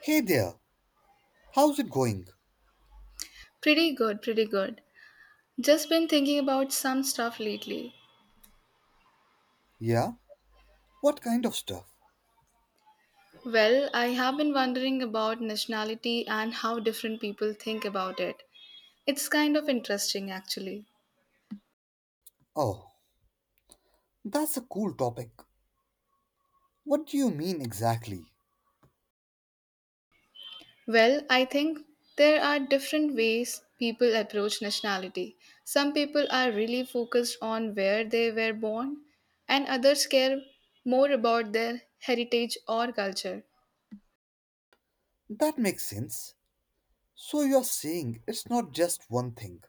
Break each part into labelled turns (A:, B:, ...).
A: Hey there, how's it going?
B: Pretty good, pretty good. Just been thinking about some stuff lately.
A: Yeah? What kind of stuff?
B: Well, I have been wondering about nationality and how different people think about it. It's kind of interesting, actually.
A: Oh, that's a cool topic. What do you mean exactly?
B: Well, I think there are different ways people approach nationality. Some people are really focused on where they were born, and others care more about their heritage or culture.
A: That makes sense. So you're saying it's not just one thing.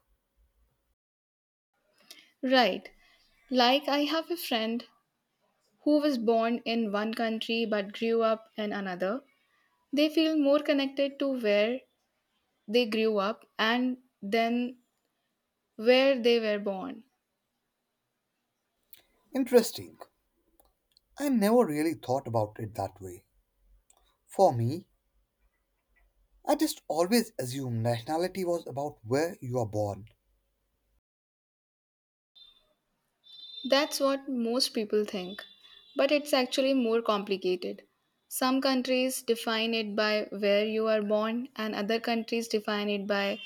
B: Right. Like, I have a friend who was born in one country but grew up in another. They feel more connected to where they grew up and then where they were born.
A: Interesting. I never really thought about it that way. For me, I just always assumed nationality was about where you are born.
B: That's what most people think, but it's actually more complicated. Some countries define it by where you are born, and other countries define it by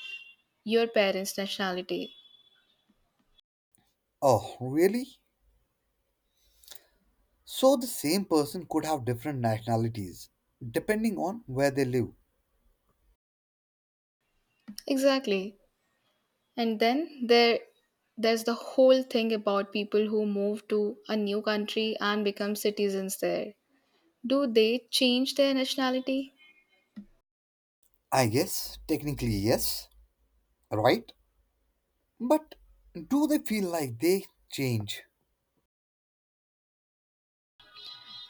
B: your parents' nationality.
A: Oh, really? So the same person could have different nationalities, depending on where they live.
B: Exactly. And then there's the whole thing about people who move to a new country and become citizens there. Do they change their nationality?
A: I guess, technically, yes. Right? But do they feel like they change?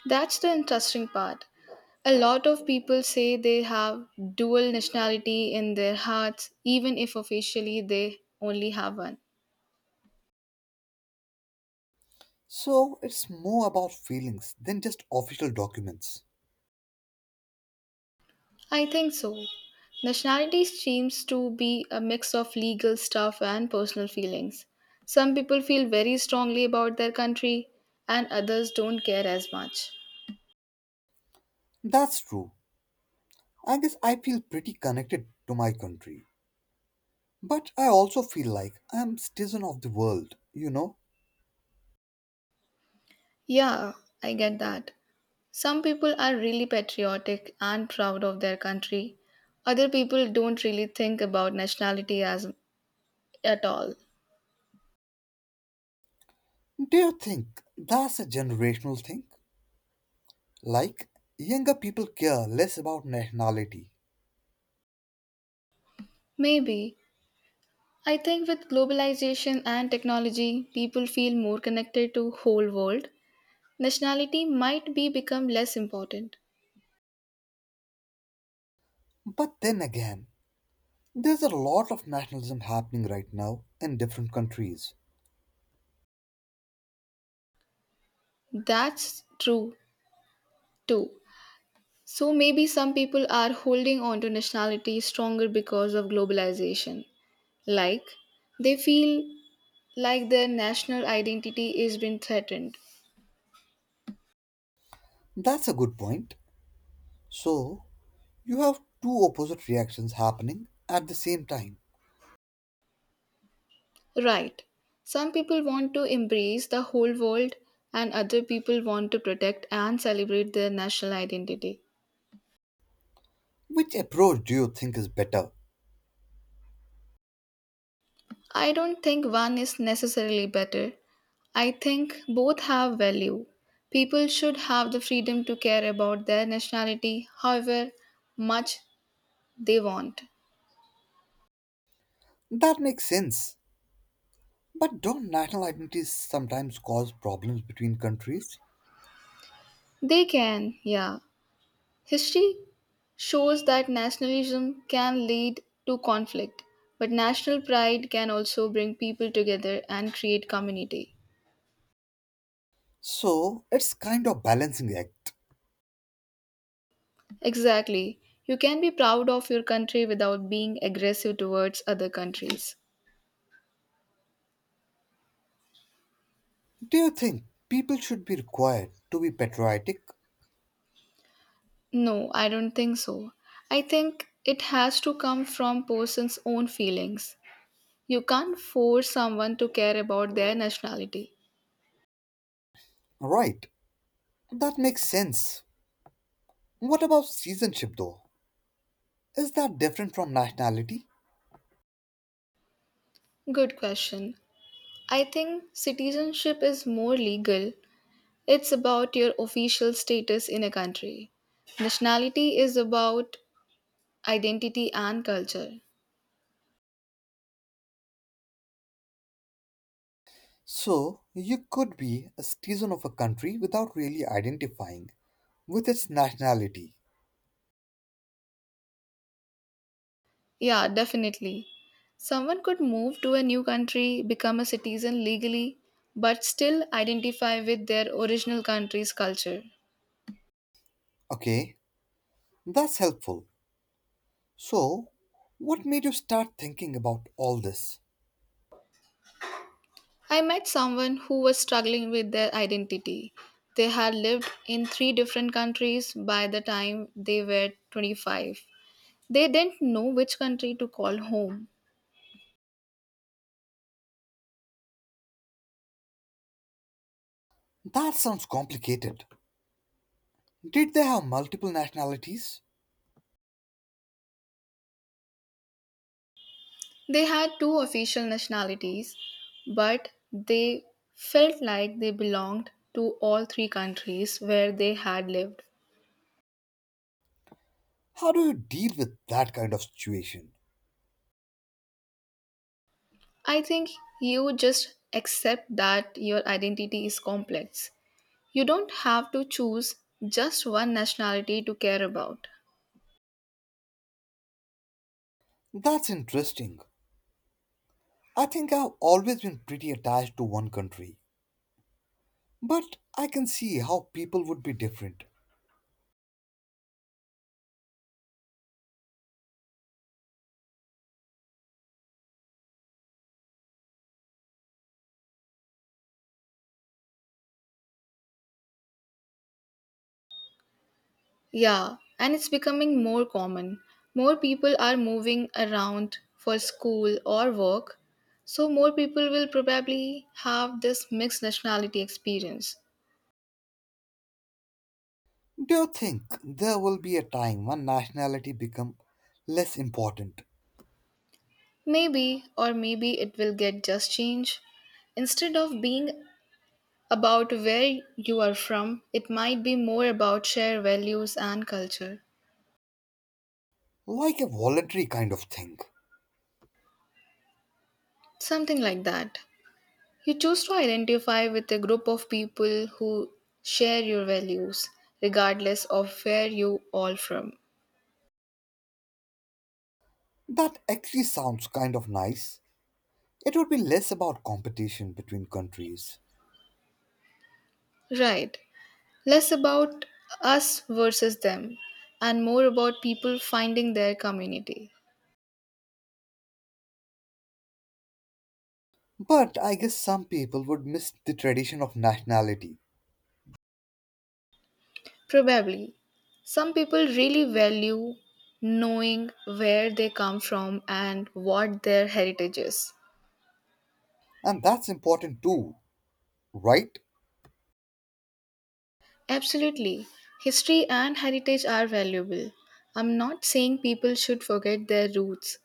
B: That's the interesting part. A lot of people say they have dual nationality in their hearts, even if officially they only have one.
A: So it's more about feelings than just official documents.
B: I think so. Nationality seems to be a mix of legal stuff and personal feelings. Some people feel very strongly about their country, and others don't care as much.
A: That's true. I guess I feel pretty connected to my country. But I also feel like I'm citizen of the world,
B: Yeah, I get that. Some people are really patriotic and proud of their country. Other people don't really think about nationality as at all.
A: Do you think that's a generational thing? Like, younger people care less about nationality.
B: Maybe I think with globalization and technology, people feel more connected to whole world. Nationality might be become less important.
A: But then again, there's a lot of nationalism happening right now in different countries.
B: That's true too. So maybe some people are holding on to nationality stronger because of globalization. Like they feel like their national identity is being threatened.
A: That's a good point. So, you have two opposite reactions happening at the same time.
B: Right. Some people want to embrace the whole world, and other people want to protect and celebrate their national identity.
A: Which approach do you think is better?
B: I don't think one is necessarily better. I think both have value. People should have the freedom to care about their nationality however much they want.
A: That makes sense. But don't national identities sometimes cause problems between countries?
B: They can, yeah. History shows that nationalism can lead to conflict, but national pride can also bring people together and create community.
A: So it's kind of balancing act.
B: Exactly. You can be proud of your country without being aggressive towards other countries.
A: Do you think people should be required to be patriotic?
B: No, I don't think so. I think it has to come from person's own feelings. You can't force someone to care about their nationality.
A: Right. That makes sense. What about citizenship though? Is that different from nationality?
B: Good question. I think citizenship is more legal. It's about your official status in a country. Nationality is about identity and culture.
A: So you could be a citizen of a country without really identifying with its nationality.
B: Yeah, definitely. Someone could move to a new country, become a citizen legally, but still identify with their original country's culture.
A: Okay, that's helpful. So, what made you start thinking about all this?
B: I met someone who was struggling with their identity. They had lived in three different countries by the time they were 25. They didn't know which country to call home.
A: That sounds complicated. Did they have multiple nationalities?
B: They had two official nationalities, but they felt like they belonged to all three countries where they had lived.
A: How do you deal with that kind of situation?
B: I think you just accept that your identity is complex. You don't have to choose just one nationality to care about.
A: That's interesting. I think I've always been pretty attached to one country, but I can see how people would be different.
B: Yeah, and it's becoming more common. More people are moving around for school or work, so more people will probably have this mixed nationality experience.
A: Do you think there will be a time when nationality become less important,
B: Maybe, or maybe it will get just change. Instead of being about where you are from, it might be more about shared values and culture.
A: like a voluntary kind of thing?
B: Something like that. You choose to identify with a group of people who share your values, regardless of where you all from.
A: That actually sounds kind of nice. It would be less about competition between countries.
B: Right. Less about us versus them, and more about people finding their community.
A: But I guess some people would miss the tradition of nationality,
B: Probably. Some people really value knowing where they come from and what their heritage is.
A: and that's important too, right?
B: Absolutely. History and heritage are valuable. I'm not saying people should forget their roots.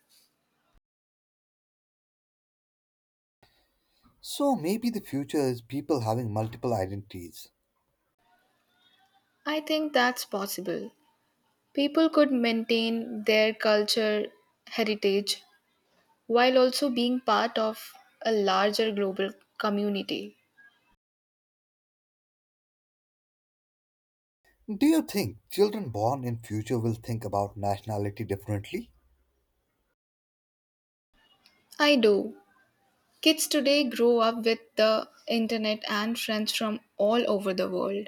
A: So maybe the future is people having multiple identities.
B: I think that's possible. People could maintain their culture, heritage, while also being part of a larger global community.
A: Do you think children born in future will think about nationality differently?
B: I do. Kids today grow up with the internet and friends from all over the world.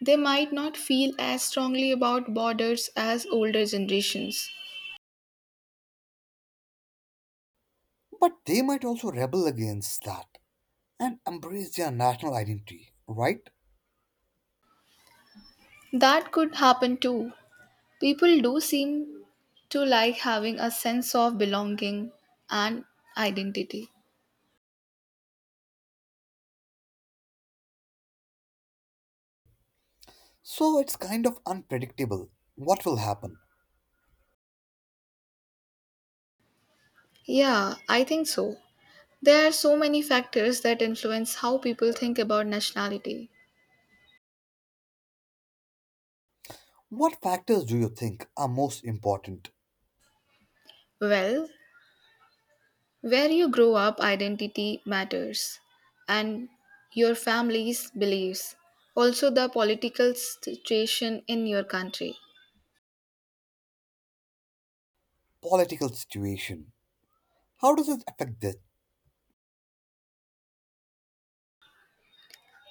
B: They might not feel as strongly about borders as older generations.
A: But they might also rebel against that and embrace their national identity, right?
B: That could happen too. People do seem to like having a sense of belonging and identity.
A: So it's kind of unpredictable what will happen.
B: Yeah, I think so. There are so many factors that influence how people think about nationality.
A: What factors do you think are most important?
B: Well, where you grow up, identity matters, and your family's beliefs, also the political situation in your country.
A: Political situation. How does it affect this?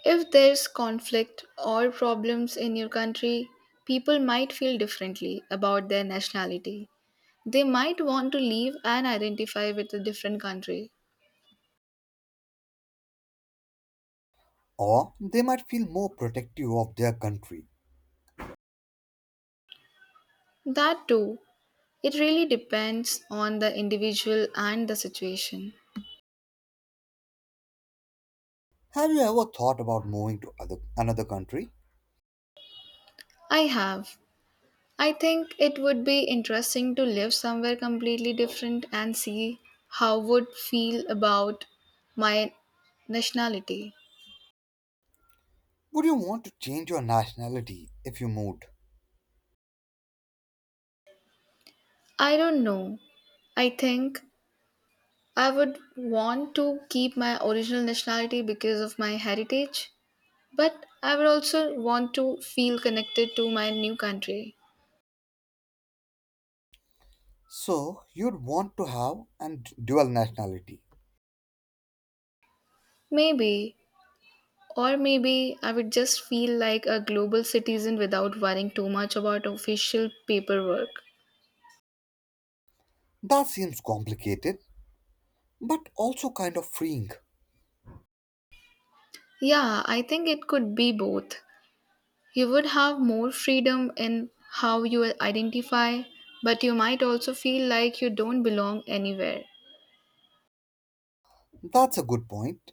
B: If there's conflict or problems in your country, people might feel differently about their nationality. They might want to leave and identify with a different country.
A: Or they might feel more protective of their country.
B: That too, it really depends on the individual and the situation.
A: Have you ever thought about moving to other, another country?
B: I have. I think it would be interesting to live somewhere completely different and see how would feel about my nationality.
A: Would you want to change your nationality if you moved?
B: I don't know. I think I would want to keep my original nationality because of my heritage, but I would also want to feel connected to my new country.
A: So, you'd want to have and dual nationality.
B: Maybe, or maybe I would just feel like a global citizen without worrying too much about official paperwork.
A: That seems complicated, but also kind of freeing.
B: Yeah, I think it could be both. You would have more freedom in how you identify, but you might also feel like you don't belong anywhere.
A: That's a good point.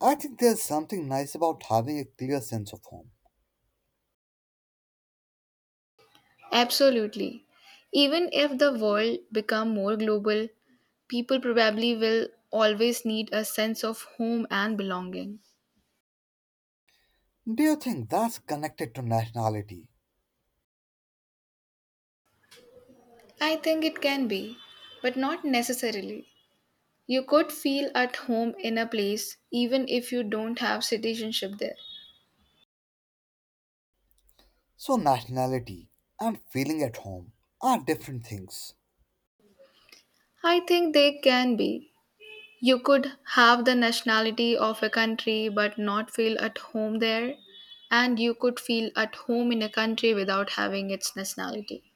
A: I think there's something nice about having a clear sense of home.
B: Absolutely. Even if the world become more global, people probably will always need a sense of home and belonging.
A: Do you think that's connected to nationality?
B: I think it can be, but not necessarily. You could feel at home in a place even if you don't have citizenship there.
A: So, nationality and feeling at home are different things.
B: I think they can be. You could have the nationality of a country but not feel at home there, and you could feel at home in a country without having its nationality.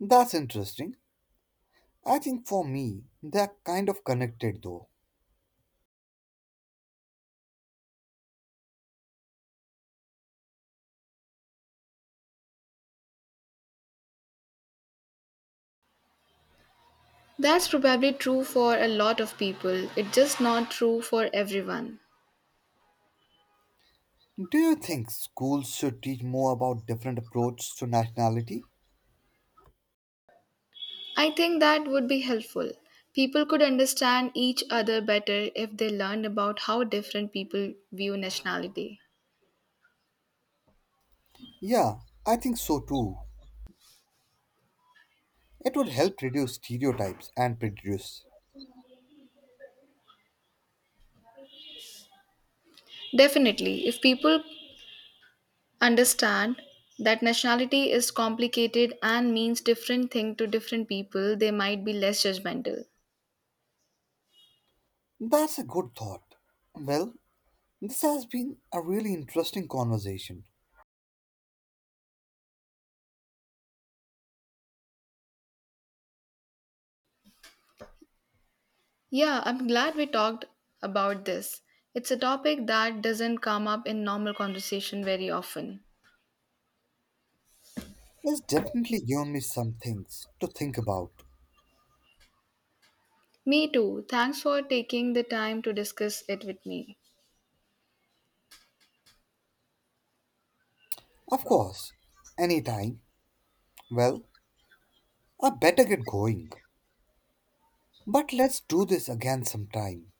A: That's interesting. I think for me, they're kind of connected though.
B: That's probably true for a lot of people, it's just not true for everyone.
A: Do you think schools should teach more about different approaches to nationality?
B: I think that would be helpful. People could understand each other better if they learned about how different people view nationality.
A: Yeah, I think so too. It would help reduce stereotypes and prejudice.
B: Definitely, if people understand that nationality is complicated and means different thing to different people. They might be less judgmental.
A: That's a good thought. Well, this has been a really interesting conversation.
B: Yeah, I'm glad we talked about this. It's a topic that doesn't come up in normal conversation very often.
A: It's definitely given me some things to think about.
B: Me too. Thanks for taking the time to discuss it with me.
A: Of course, anytime. Well, I better get going. But let's do this again sometime.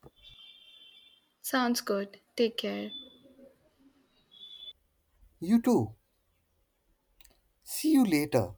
B: Sounds good. Take care.
A: You too. See you later.